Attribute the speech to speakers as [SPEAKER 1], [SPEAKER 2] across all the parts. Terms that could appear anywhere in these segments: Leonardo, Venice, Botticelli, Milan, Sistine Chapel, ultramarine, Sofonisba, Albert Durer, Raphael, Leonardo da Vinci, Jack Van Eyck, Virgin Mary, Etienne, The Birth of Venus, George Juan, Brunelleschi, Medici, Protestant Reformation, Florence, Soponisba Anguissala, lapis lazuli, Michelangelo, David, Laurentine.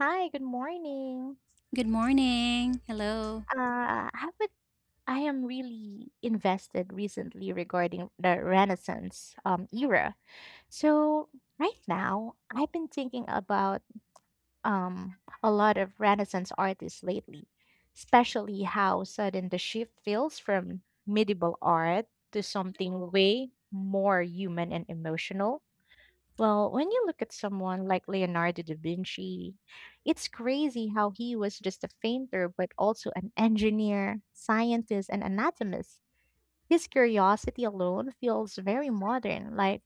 [SPEAKER 1] Hi, good morning.
[SPEAKER 2] Good morning. Hello.
[SPEAKER 1] Uh, I would I am really invested recently regarding the Renaissance era. So right now, I've been thinking about um a lot of Renaissance artists lately, especially how sudden the shift feels from medieval art to something way more human and emotional. Well, when you look at someone like Leonardo da Vinci, it's crazy how he was just a painter, but also an engineer, scientist, and anatomist. His curiosity alone feels very modern, like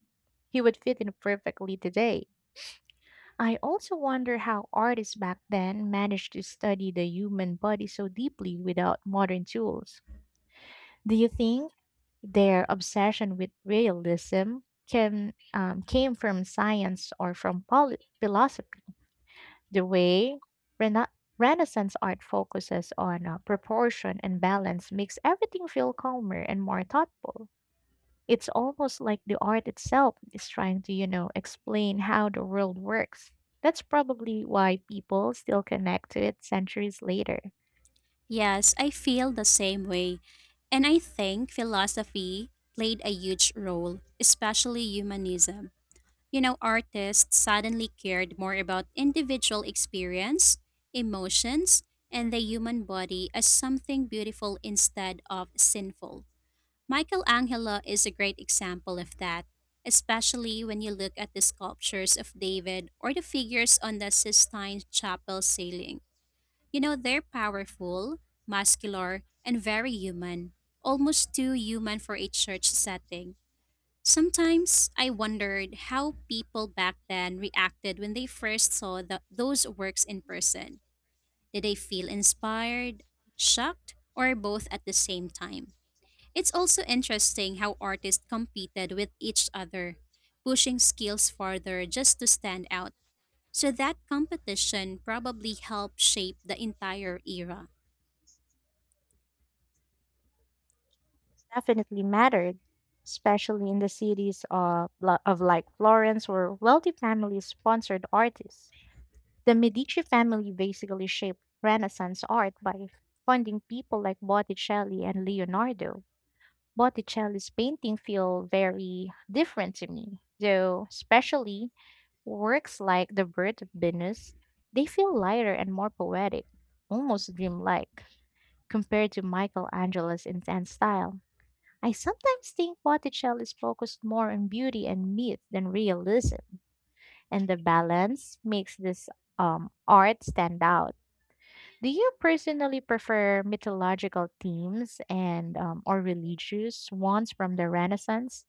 [SPEAKER 1] he would fit in perfectly today. I also wonder how artists back then managed to study the human body so deeply without modern tools. Do you think their obsession with realism can came from science or from philosophy? The way Rena- Renaissance art focuses on proportion and balance makes everything feel calmer and more thoughtful. It's almost like the art itself is trying to, you know, explain how the world works. That's probably why people still connect to it centuries later.
[SPEAKER 2] Yes, I feel the same way. And I think philosophy played a huge role, especially humanism. You know, artists suddenly cared more about individual experience, emotions, and the human body as something beautiful instead of sinful. Michelangelo is a great example of that, especially when you look at the sculptures of David or the figures on the Sistine Chapel ceiling. You know, they're powerful, muscular, and very human, almost too human for a church setting. Sometimes I wondered how people back then reacted when they first saw those works in person. Did they feel inspired, shocked, or both at the same time? It's also interesting how artists competed with each other, pushing skills farther just to stand out. So that competition probably helped shape the entire era.
[SPEAKER 1] Definitely mattered, especially in the cities of like Florence, where wealthy families sponsored artists. The Medici family basically shaped Renaissance art by funding people like Botticelli and Leonardo. Botticelli's painting feel very different to me, though, especially works like The Birth of Venus. They feel lighter and more poetic, almost dreamlike, compared to Michelangelo's intense style. I sometimes think Botticelli is focused more on beauty and myth than realism, and the balance makes this art stand out. Do you personally prefer mythological themes and or religious ones from the Renaissance?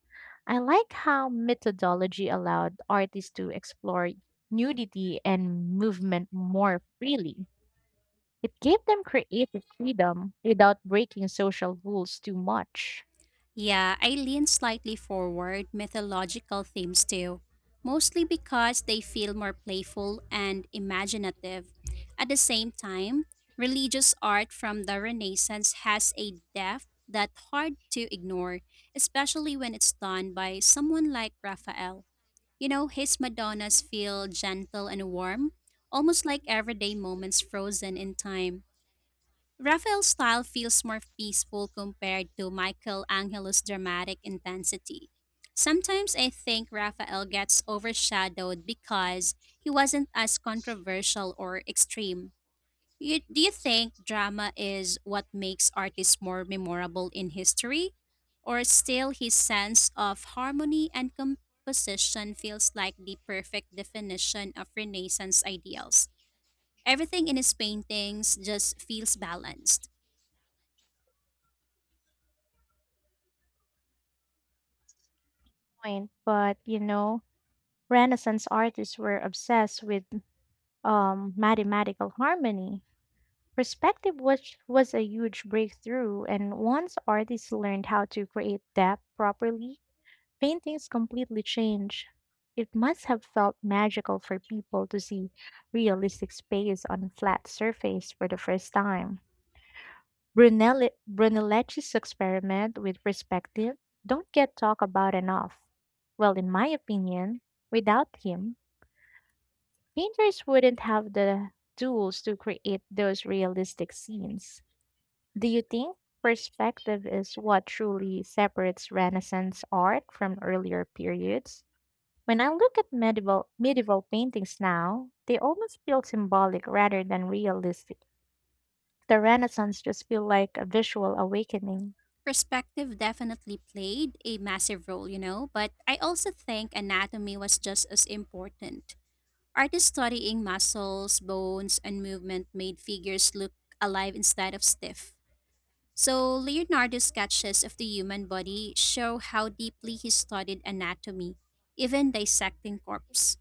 [SPEAKER 1] I like how methodology allowed artists to explore nudity and movement more freely. It gave them creative freedom without breaking social rules too much.
[SPEAKER 2] Yeah, I lean slightly forward mythological themes too, mostly because they feel more playful and imaginative. At the same time,
[SPEAKER 1] Spending
[SPEAKER 2] religious
[SPEAKER 1] time
[SPEAKER 2] art from the
[SPEAKER 1] really
[SPEAKER 2] Renaissance has a
[SPEAKER 1] just from the
[SPEAKER 2] depth that's hard to ignore, especially when it's done by someone like Raphael. You know, his Madonnas feel gentle and warm, almost like everyday moments frozen in time. Raphael's style feels more peaceful compared to Michelangelo's dramatic intensity. Sometimes I think Raphael gets overshadowed because he wasn't as controversial or extreme. Do you think drama
[SPEAKER 1] audience
[SPEAKER 2] is what
[SPEAKER 1] has been
[SPEAKER 2] makes
[SPEAKER 1] that drama is
[SPEAKER 2] artists
[SPEAKER 1] what makes
[SPEAKER 2] more
[SPEAKER 1] artists more
[SPEAKER 2] memorable in
[SPEAKER 1] memorable in history,
[SPEAKER 2] history? Or
[SPEAKER 1] or
[SPEAKER 2] still his sense
[SPEAKER 1] still his sense of harmony and composition
[SPEAKER 2] of
[SPEAKER 1] feels like the perfect definition of
[SPEAKER 2] harmony
[SPEAKER 1] Renaissance
[SPEAKER 2] and
[SPEAKER 1] ideals.
[SPEAKER 2] composition feels like the perfect definition of Renaissance ideals? Everything in his
[SPEAKER 1] Everything
[SPEAKER 2] paintings
[SPEAKER 1] has
[SPEAKER 2] just
[SPEAKER 1] been
[SPEAKER 2] feels
[SPEAKER 1] done
[SPEAKER 2] balanced.
[SPEAKER 1] just his balance. Point, but you know, Renaissance artists were obsessed with mathematical harmony. Perspective was a huge breakthrough, and once artists learned how to create depth properly, paintings completely changed. It must have felt magical for people to see realistic space on a flat surface for the first time. Brunelleschi's experiment with perspective don't get talked about enough. Well, in my opinion, without him, painters wouldn't have the tools to create those realistic scenes. Do you think perspective is what truly separates Renaissance art from earlier periods? When I look at medieval paintings now, they almost feel symbolic rather than realistic. The Renaissance just feel like a visual awakening.
[SPEAKER 2] Perspective definitely played a massive role, you know, but I also think anatomy was just as important. Artists studying muscles, bones, and movement made figures look alive instead of stiff. So Leonardo's sketches of the human body show how deeply he studied anatomy, even dissecting corpse.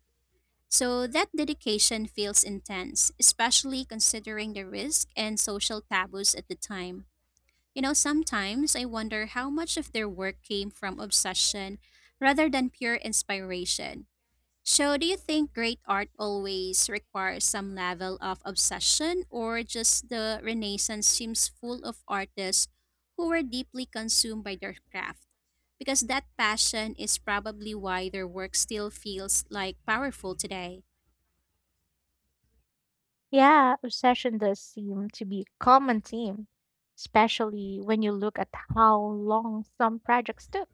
[SPEAKER 2] So that dedication feels intense, especially considering the risk and social taboos at the time. You know, sometimes I wonder how much of their work came from obsession rather than pure inspiration. So, do you think great art always requires some level of obsession, or just the Renaissance seems full of artists who were deeply consumed by their craft? Because that passion is probably why their work still feels like powerful today.
[SPEAKER 1] Yeah, obsession does seem to be a common theme, especially when you look at how long some projects took.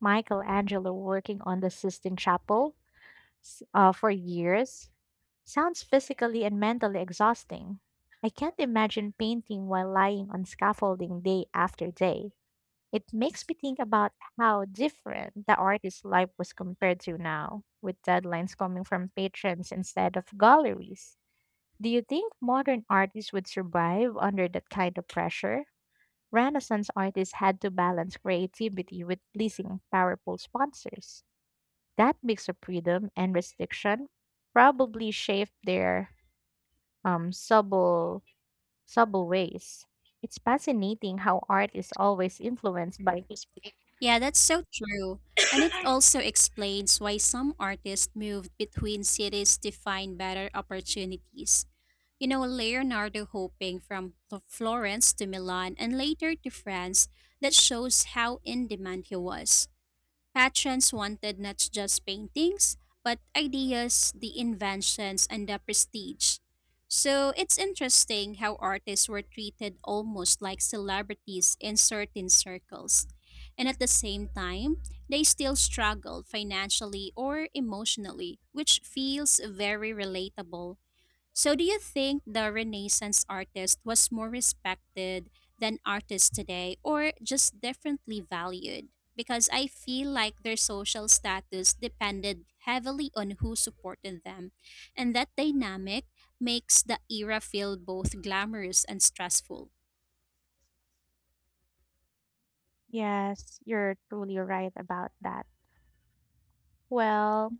[SPEAKER 1] Michelangelo working on the Sistine Chapel for years, sounds physically and mentally exhausting. I can't imagine painting while lying on scaffolding day after day. It makes me think about how different the artist's life was compared to now, with deadlines coming from patrons instead of galleries. Do you think modern artists would survive under that kind of pressure? Renaissance artists had to balance creativity with pleasing powerful sponsors. That mix of freedom and restriction probably shaped their um, subtle, subtle ways. It's fascinating how art is always influenced by.
[SPEAKER 2] Yeah, that's so true. And it also explains why some artists moved between cities to find better opportunities. You know, Leonardo hoping from Florence to Milan and later to France, that shows how in demand he was. Patrons wanted not just paintings, but ideas, the inventions, and the prestige. So it's interesting how artists were treated almost like celebrities in certain circles. And at the same time, they still struggled financially or emotionally, which feels very relatable. So, do you think the Renaissance artist was more respected than artists today or just differently valued? Because I feel like their social status depended heavily on who supported them. And that dynamic makes the era feel both glamorous and stressful.
[SPEAKER 1] Yes, you're truly right about that. Well,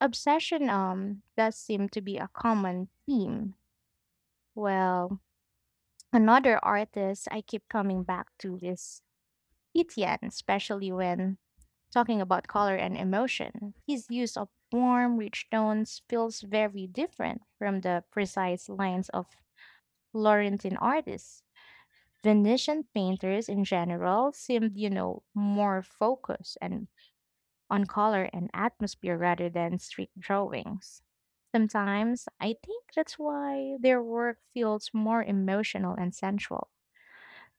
[SPEAKER 1] obsession does seem to be a common theme. Well, another artist I keep coming back to is Etienne, especially when talking about color and emotion. His use of warm, rich tones feels very different from the precise lines of Laurentine artists. Venetian painters in general seemed, you know, more focused and on color and atmosphere rather than strict drawings. Sometimes I think that's why their work feels more emotional and sensual.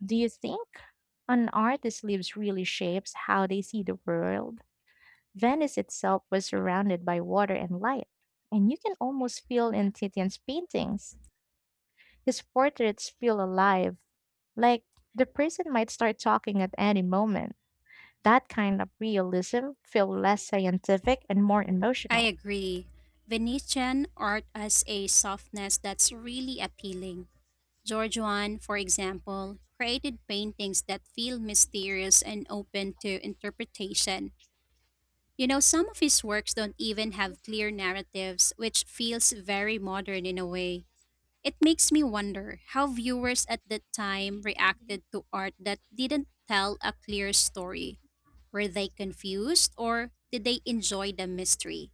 [SPEAKER 1] Do you think an artist's lives really shapes how they see the world? Venice itself was surrounded by water and light, and you can almost feel in Titian's paintings. His portraits feel alive, like the person might start talking at any moment. That kind of realism feels less scientific and more
[SPEAKER 2] I
[SPEAKER 1] emotional.
[SPEAKER 2] agree. Venetian art has a softness that's really appealing. George Juan, for example, created paintings that feel mysterious and open to interpretation. You know, some of his works don't even have clear narratives, which feels very modern in a way. It makes me wonder how viewers at that time reacted to art that didn't tell a clear story. Were they confused, or did they enjoy the mystery?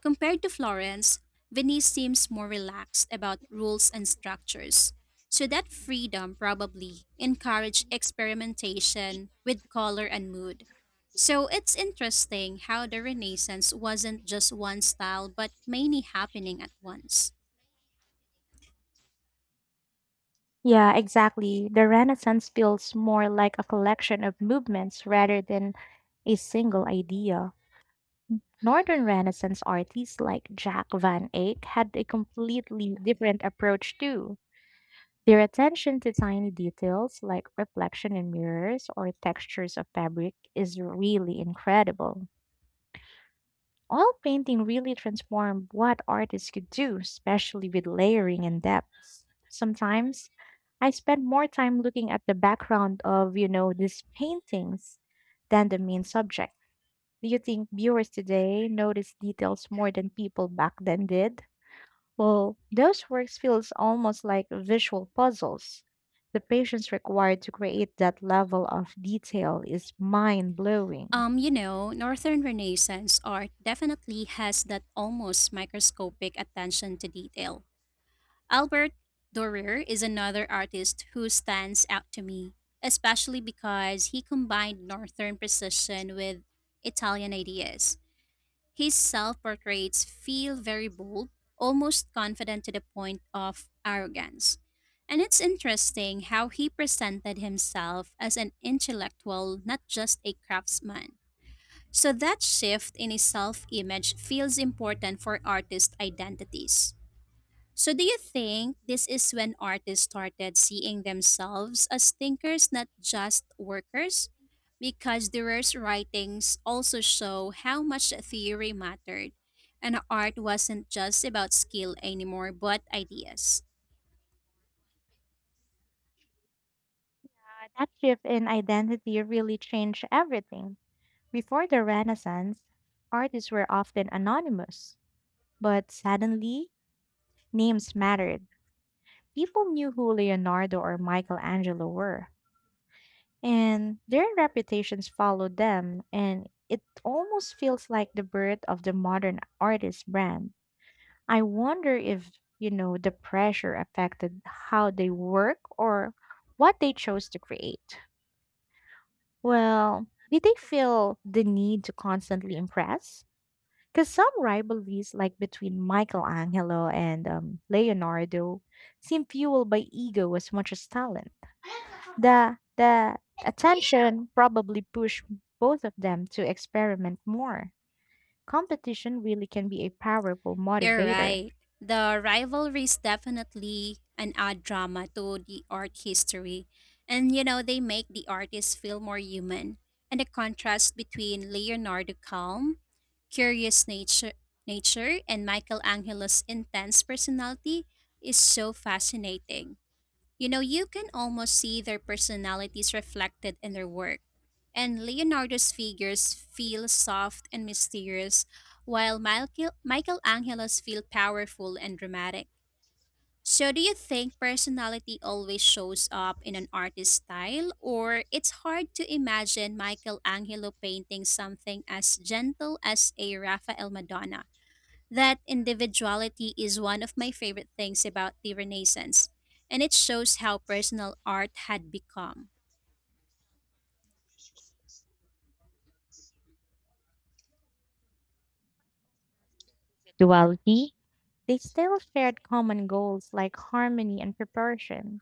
[SPEAKER 2] Compared to Florence, Venice seems more relaxed about rules and structures. So that freedom probably encouraged experimentation with color and mood. So it's interesting how the Renaissance wasn't just one style but many happening at once.
[SPEAKER 1] Yeah, exactly. The Renaissance feels more like a collection of movements rather than a single idea. Northern Renaissance artists like Jack Van Eyck had a completely different approach too. Their attention to tiny details like reflection in mirrors or textures of fabric is really incredible. Oil painting really transformed what artists could do, especially with layering and depth. Sometimes I spend more time looking at the background of, you know, these paintings than the main subject. Do you think viewers today notice details more than people back then did? Well, those works feels almost like visual puzzles. The patience required to create that level of detail is mind-blowing.
[SPEAKER 2] You know, Northern Renaissance art definitely has that almost microscopic attention to detail. Albert Durer is another artist who stands out to me, especially because he combined Northern precision with Italian ideas. His self portraits feel very bold, almost confident to the point of arrogance. And it's interesting how he presented himself as an intellectual, not just a craftsman. So that shift in his self image feels important for artist identities. So, do you think this is when artists started seeing themselves as thinkers, not just workers? Because Durer's writings also show how much theory mattered, and art wasn't just about skill anymore, but ideas.
[SPEAKER 1] That shift in identity really changed everything. Before the Renaissance, artists were often anonymous, but suddenly names mattered. People knew who Leonardo or Michelangelo were, and their reputations follow them, and it almost feels like the birth of the modern artist brand. I wonder if, you know, the pressure affected how they work or what they chose to create. Well, did they feel the need to constantly impress? Because some rivalries, like between Michelangelo and Leonardo, seem fueled by ego as much as talent. The attention probably pushed both of them to experiment more. Competition really can be a powerful
[SPEAKER 2] You're
[SPEAKER 1] motivator.
[SPEAKER 2] right. The rivalry is definitely an odd drama to the art history. And you know, they make the artists feel more human. And the contrast between Leonardo calm, curious nature and Michelangelo's intense personality is so fascinating. You know, you can almost see their personalities reflected in their work. And Leonardo's figures feel soft and mysterious, while Michelangelo's feel powerful and dramatic. So, do you think personality always shows up in an artist's style, or it's hard to imagine Michelangelo painting something as gentle as a Raphael Madonna? That individuality is one of my favorite things about the Renaissance, and it shows how personal art had become.
[SPEAKER 1] Duality, they still shared common goals like harmony and proportion.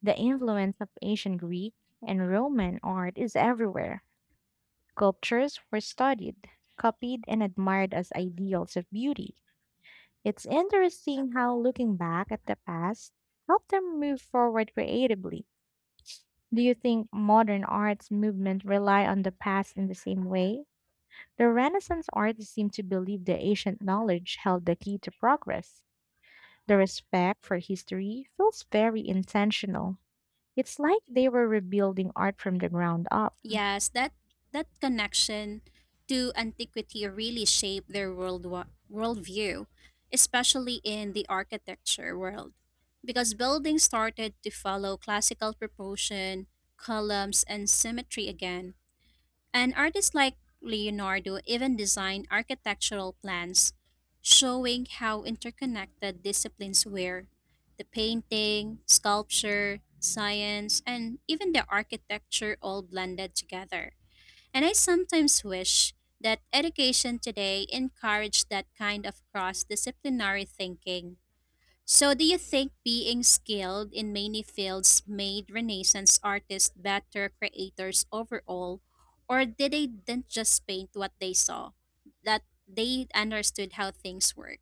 [SPEAKER 1] The influence of ancient Greek and Roman art is everywhere. Sculptures were studied, copied, and admired as ideals of beauty. It's interesting how looking back at the past helped them move forward creatively. Do you think modern arts movement rely on the past in the same way? The Renaissance artists seem to believe the ancient knowledge held the key to progress. The respect for history feels very intentional. It's like they were rebuilding art from the ground up.
[SPEAKER 2] Yes, that connection to antiquity really shaped their worldview, especially in the architecture world, because buildings started to follow classical proportion, columns, and symmetry again. And artists like Leonardo even designed architectural plans showing how interconnected disciplines were. The painting, sculpture, science, and even the architecture all blended together. And I sometimes wish that education today encouraged that kind of cross disciplinary thinking. So, do you think being skilled in many fields made Renaissance artists better creators overall, or did they didn't just paint what they saw, that they understood how things work?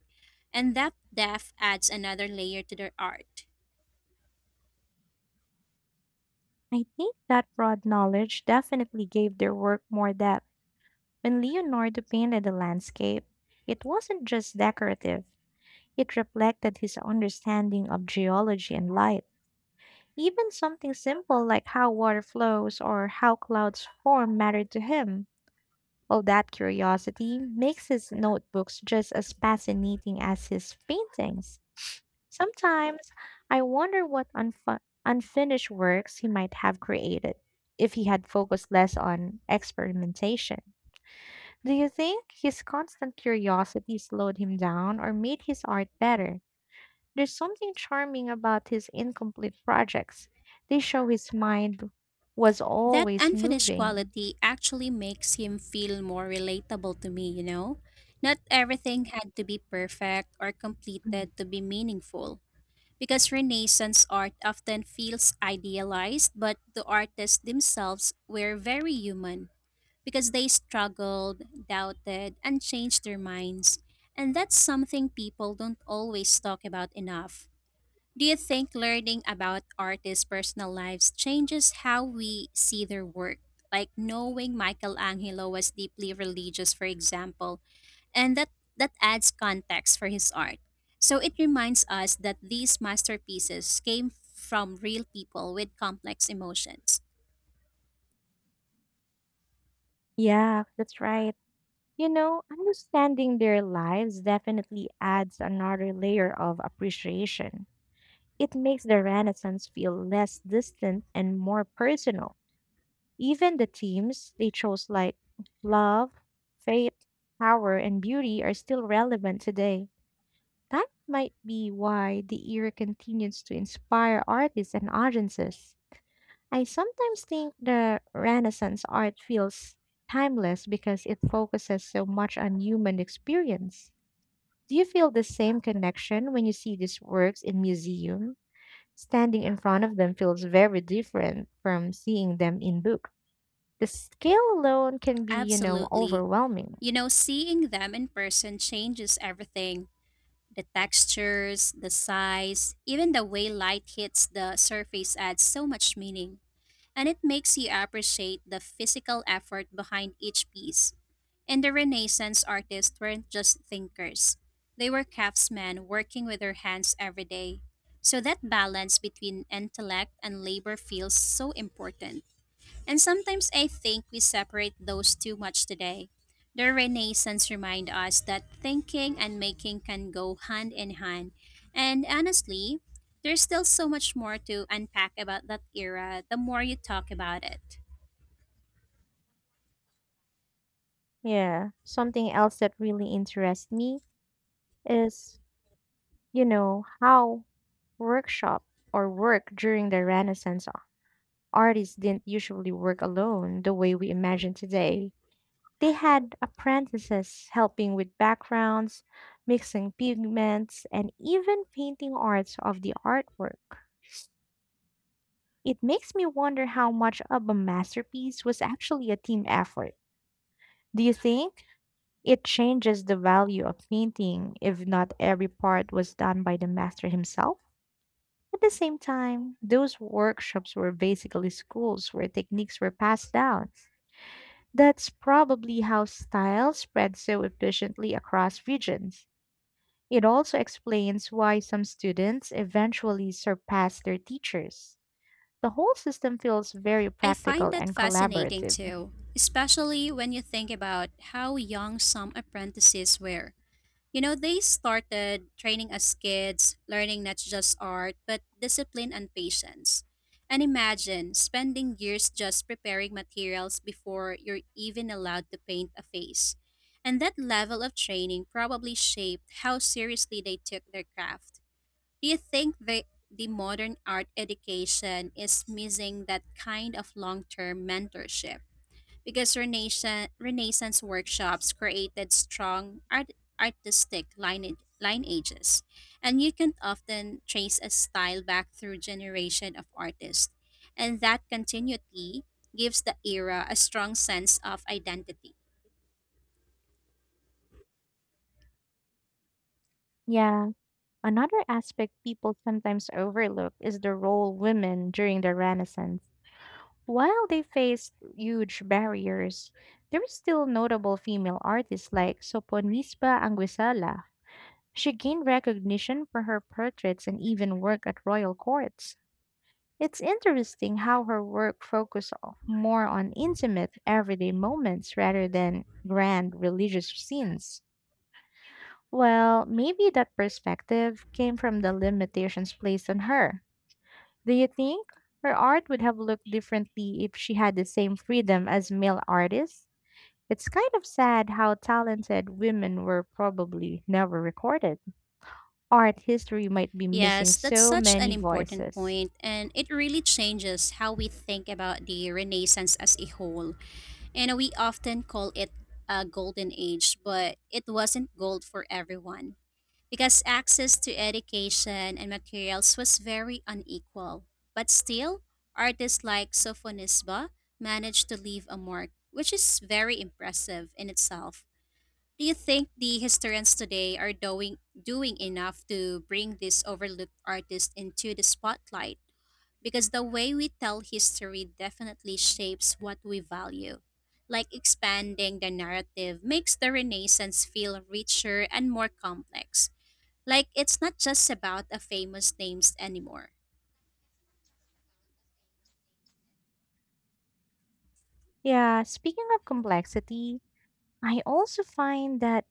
[SPEAKER 2] And that depth adds another layer to their art.
[SPEAKER 1] I think that broad knowledge definitely gave their work more depth. When Leonardo painted the landscape, it wasn't just decorative, it reflected his understanding of geology and light. Even something simple like how water flows or how clouds form mattered to him. All that curiosity makes his notebooks just as fascinating as his paintings. Sometimes I wonder what unfinished works he might have created if he had focused less on experimentation. Do you think his constant curiosity slowed him down or made his art better? There's something charming about his incomplete projects. They show his mind was
[SPEAKER 2] That
[SPEAKER 1] always
[SPEAKER 2] unfinished
[SPEAKER 1] moving.
[SPEAKER 2] quality actually makes him feel more relatable to me, you know? Not everything had to be perfect or
[SPEAKER 1] Mm.
[SPEAKER 2] completed to be meaningful. Because Renaissance art often feels idealized, but the artists themselves were very human because they struggled, doubted, and changed their minds. And that's something people don't always talk about enough. Do you think learning about artists' personal lives changes how we see their work? Like knowing Michelangelo was deeply religious, for example, and that adds context for his art. So it reminds us that these masterpieces came from real people with complex emotions.
[SPEAKER 1] Yeah, that's right. You know, understanding their lives definitely adds another layer of appreciation. It makes the Renaissance feel less distant and more personal. Even the themes they chose, like love, faith, power, and beauty, are still relevant today. That might be why the era continues to inspire artists and audiences. I sometimes think the Renaissance art feels timeless because it focuses so much on human experience. Do you feel the same connection when you see these works in museum? Standing in front of them feels very different from seeing them in books. The scale alone can be, you know,
[SPEAKER 2] Absolutely.
[SPEAKER 1] overwhelming.
[SPEAKER 2] You know, seeing them in person changes everything. The textures, the size, even the way light hits the surface adds so much meaning. And it makes you appreciate the physical effort behind each piece. And the Renaissance artists weren't just thinkers, they were craftsmen working with their hands every day. So that balance between intellect and labor feels so important. And sometimes I think we separate those too much today. The Renaissance remind us that thinking and making can go hand in hand. And honestly, there's still so much more to unpack about that era the more you talk about it.
[SPEAKER 1] Yeah. Something else that really interests me is, you know, how workshop or work during the Renaissance, artists didn't usually work alone the way we imagine today. They had apprentices helping with backgrounds, mixing pigments, and even painting arts of the artwork. It makes me wonder how much of a masterpiece was actually a team effort. Do you think? It changes the value of painting if not every part was done by the master himself. At the same time, those workshops were basically schools where techniques were passed down. That's probably how style spread so efficiently across regions. It also explains why some students eventually surpass their teachers. The whole system feels very
[SPEAKER 2] I
[SPEAKER 1] practical
[SPEAKER 2] find that
[SPEAKER 1] and
[SPEAKER 2] fascinating
[SPEAKER 1] collaborative.
[SPEAKER 2] too, especially when you think about how young some apprentices were. You know, they started training as kids, learning not just art, but discipline and patience. And imagine spending years just preparing materials before you're even allowed to paint a face. And that level of training probably shaped how seriously they took their craft. Do you think the modern art education is missing that kind of long-term mentorship? Because Renaissance workshops created strong artistic lineages, and you can often trace a style back through generation of artists. And that continuity gives the era a strong sense of identity.
[SPEAKER 1] Yeah, another aspect people sometimes overlook is the role women during the Renaissance. While they faced huge barriers, there were still notable female artists like Soponisba Anguissala. She gained recognition for her portraits and even work at royal courts. It's interesting how her work focused more on intimate, everyday moments rather than grand religious scenes. Well, maybe that perspective came from the limitations placed on her. Do you think her art would have looked differently if she had the same freedom as male artists? It's kind of sad how talented women were probably never recorded. Art history might be missing
[SPEAKER 2] Yes, that's
[SPEAKER 1] so
[SPEAKER 2] such an
[SPEAKER 1] many
[SPEAKER 2] important
[SPEAKER 1] voices.
[SPEAKER 2] point, and it really changes how we think about the Renaissance as a whole. And we often call it a golden age, but it wasn't gold for everyone because access to education and materials was very unequal. But still, artists like Sofonisba managed to leave a mark, which is very impressive in itself. Do you think the historians today are doing enough to bring this overlooked artist into the spotlight? Because the way we tell history definitely shapes what we value. Like expanding the narrative makes the Renaissance feel richer and more complex, like it's not just about a famous names anymore,
[SPEAKER 1] Yeah, speaking of complexity, I also find that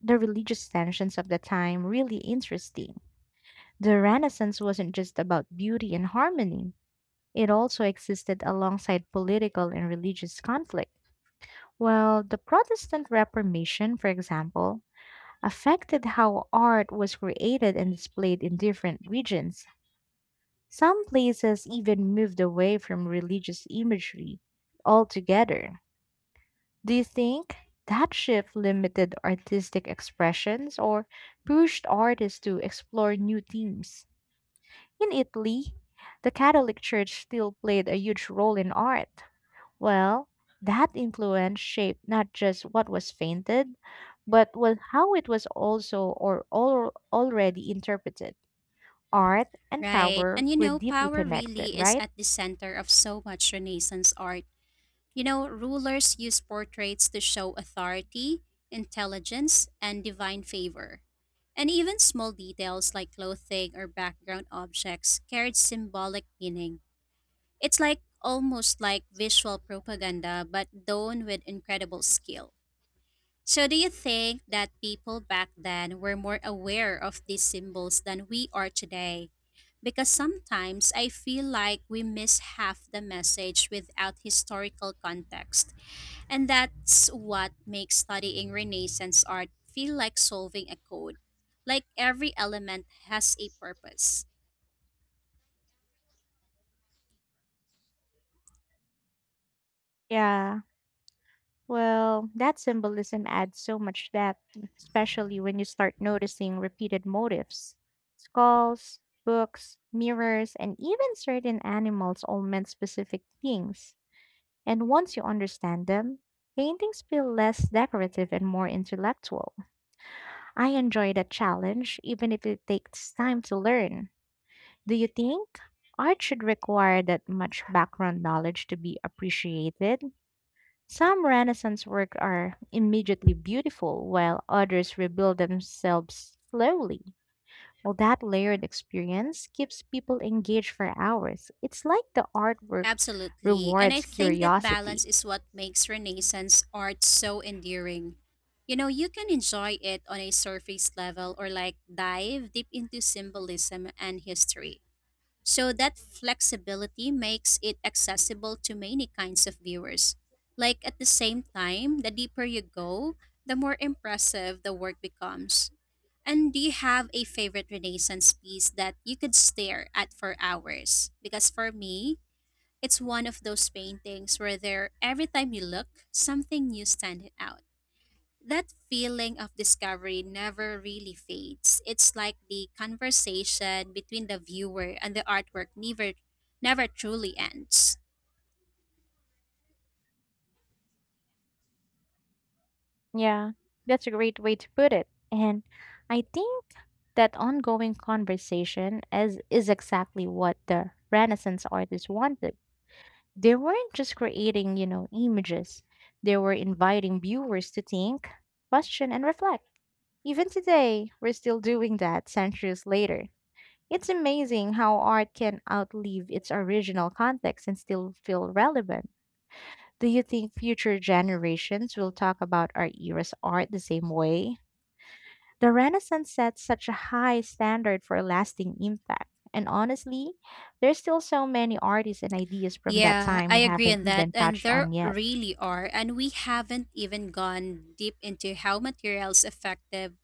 [SPEAKER 1] the religious tensions of the time really interesting. The Renaissance wasn't just about beauty and harmony, it also existed alongside political and religious conflict. Well, the Protestant Reformation, for example, affected how art was created and displayed in different regions. Some places even moved away from religious imagery altogether. Do you think that shift limited artistic expressions or pushed artists to explore new themes? In Italy, the Catholic Church still played a huge role in art. Well, that influence shaped not just what was painted, but what, how it was also or already interpreted. Art and
[SPEAKER 2] right?
[SPEAKER 1] power
[SPEAKER 2] And you
[SPEAKER 1] were
[SPEAKER 2] know,
[SPEAKER 1] deeply
[SPEAKER 2] power
[SPEAKER 1] connected,
[SPEAKER 2] really is
[SPEAKER 1] right?
[SPEAKER 2] at the center of so much Renaissance art. You know, rulers use portraits to show authority, intelligence, and divine favor. And even small details like clothing or background objects carried symbolic meaning. It's like almost like visual propaganda but done with incredible skill. So, do you think that people back then were more aware of these symbols than we are today? Because sometimes I feel like we miss half the message without historical context. And that's what makes studying Renaissance art feel like solving a code, like every element has a purpose.
[SPEAKER 1] Yeah. Well, that symbolism adds so much depth, especially when you start noticing repeated motifs. Skulls, books, mirrors, and even certain animals all meant specific things. And once you understand them, paintings feel less decorative and more intellectual. I enjoy the challenge, even if it takes time to learn. Do you think art should require that much background knowledge to be appreciated? Some Renaissance work are immediately beautiful, while others rebuild themselves slowly. Well, that layered experience keeps people engaged for hours. It's like the artwork
[SPEAKER 2] Absolutely. And I
[SPEAKER 1] rewards
[SPEAKER 2] think that
[SPEAKER 1] curiosity.
[SPEAKER 2] balance is what makes Renaissance art so endearing. You know, you can enjoy it on a surface level or like dive deep into symbolism and history. So that flexibility makes it accessible to many kinds of viewers. Like at the same time, the deeper you go, the more impressive the work becomes. And do you have a favorite Renaissance piece that you could stare at for hours? Because for me, it's one of those paintings where there every time you look, something new stands out. That feeling of discovery never really fades. It's like the conversation between the viewer and the artwork never truly ends.
[SPEAKER 1] Yeah, that's a great way to put it. And I think that ongoing conversation is exactly what the Renaissance artists wanted. They weren't just creating, you know, images. They were inviting viewers to think, question, and reflect. Even today, we're still doing that centuries later. It's amazing how art can outlive its original context and still feel relevant. Do you think future generations will talk about our era's art the same way? The Renaissance set such a high standard for lasting impact, and honestly, there's still so many artists and ideas from that
[SPEAKER 2] Yeah,
[SPEAKER 1] time
[SPEAKER 2] I
[SPEAKER 1] we
[SPEAKER 2] agree
[SPEAKER 1] haven't
[SPEAKER 2] on that.
[SPEAKER 1] even
[SPEAKER 2] And
[SPEAKER 1] touched on
[SPEAKER 2] there
[SPEAKER 1] yet.
[SPEAKER 2] really are. And we haven't even gone deep into how materials affective.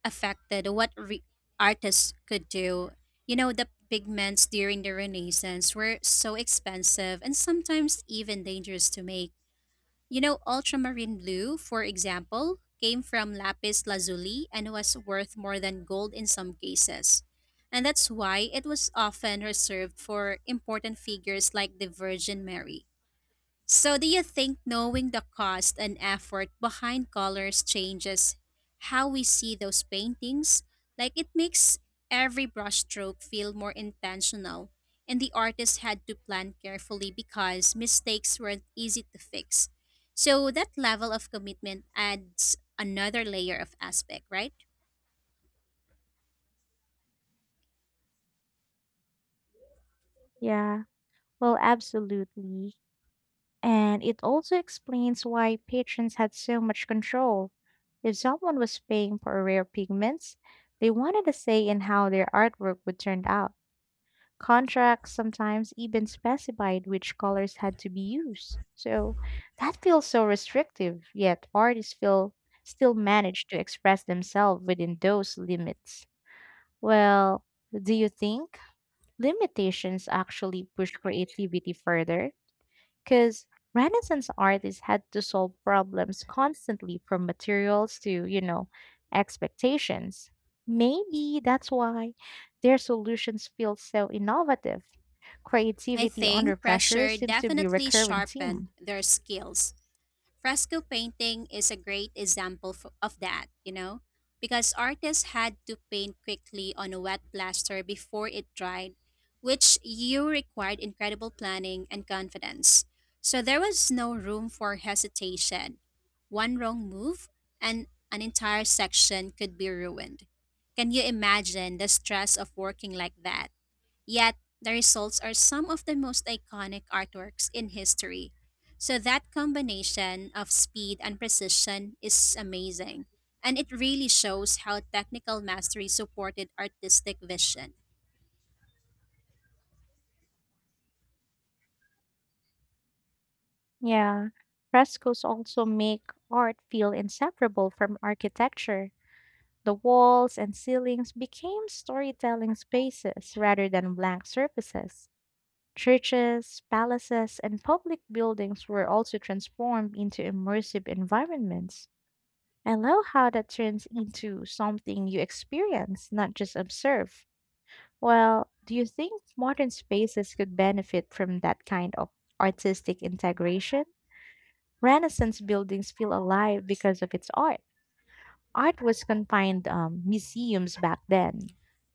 [SPEAKER 2] Affected what artists could do. You know, the pigments during the Renaissance were so expensive and sometimes even dangerous to make. You know, ultramarine blue, for example, came from lapis lazuli and was worth more than gold in some cases. And that's why it was often reserved for important figures like the Virgin Mary. So, do you think knowing the cost and effort behind colors changes how we see those paintings? Like, it makes every brushstroke feel more intentional, and the artist had to plan carefully because mistakes weren't easy to fix. So, that level of commitment adds another layer of aspect, right?
[SPEAKER 1] Yeah, well, absolutely. And it also explains why patrons had so much control. If someone was paying for rare pigments, they wanted a say in how their artwork would turn out. Contracts sometimes even specified which colors had to be used. So that feels so restrictive, yet artists feel still manage to express themselves within those limits. Well, do you think limitations actually push creativity further? Because Renaissance artists had to solve problems constantly from materials to, you know, expectations. Maybe that's why their solutions feel so innovative.
[SPEAKER 2] I
[SPEAKER 1] Creativity under
[SPEAKER 2] think
[SPEAKER 1] pressure
[SPEAKER 2] pressure
[SPEAKER 1] seems to be a
[SPEAKER 2] definitely
[SPEAKER 1] recurring
[SPEAKER 2] sharpened
[SPEAKER 1] theme.
[SPEAKER 2] their skills. Fresco painting is a great example of that, you know, because artists had to paint quickly on a wet plaster before it dried, which you required incredible planning and confidence. So there was no room for hesitation. One wrong move and an entire section could be ruined. Can you imagine the stress of working like that? Yet, the results are some of the most iconic artworks in history. So, that combination of speed and precision is amazing. And it really shows how technical mastery supported artistic vision.
[SPEAKER 1] Yeah, frescoes also make art feel inseparable from architecture. The walls and ceilings became storytelling spaces rather than blank surfaces. Churches, palaces, and public buildings were also transformed into immersive environments. I love how that turns into something you experience, not just observe. Well, do you think modern spaces could benefit from that kind of artistic integration? Renaissance buildings feel alive because of its art. Art was confined museums back then,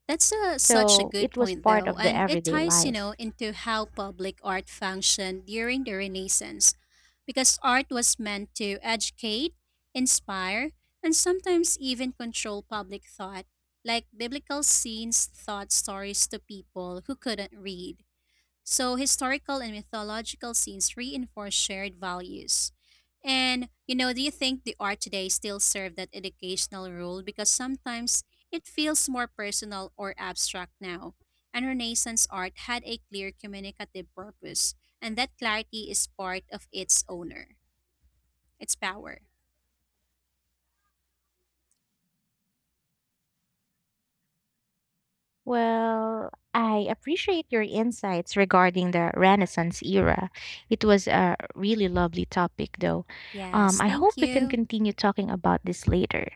[SPEAKER 2] That's such a
[SPEAKER 1] so it
[SPEAKER 2] good
[SPEAKER 1] was
[SPEAKER 2] point,
[SPEAKER 1] part
[SPEAKER 2] though,
[SPEAKER 1] of the
[SPEAKER 2] and it
[SPEAKER 1] everyday
[SPEAKER 2] ties, you
[SPEAKER 1] life.
[SPEAKER 2] know, into how public art functioned during the Renaissance, because art was meant to educate, inspire, and sometimes even control public thought, like biblical scenes taught stories to people who couldn't read. So historical and mythological scenes reinforce shared values. And you know, do you think the art today still serve that educational role because sometimes it feels more personal or abstract now? And Renaissance art had a clear communicative purpose, and that clarity is part of its owner, its power.
[SPEAKER 1] Well, I appreciate your insights regarding the Renaissance era. It was a really lovely topic, though.
[SPEAKER 2] Yes,
[SPEAKER 1] I hope
[SPEAKER 2] thank
[SPEAKER 1] we can
[SPEAKER 2] you.
[SPEAKER 1] continue talking about this later.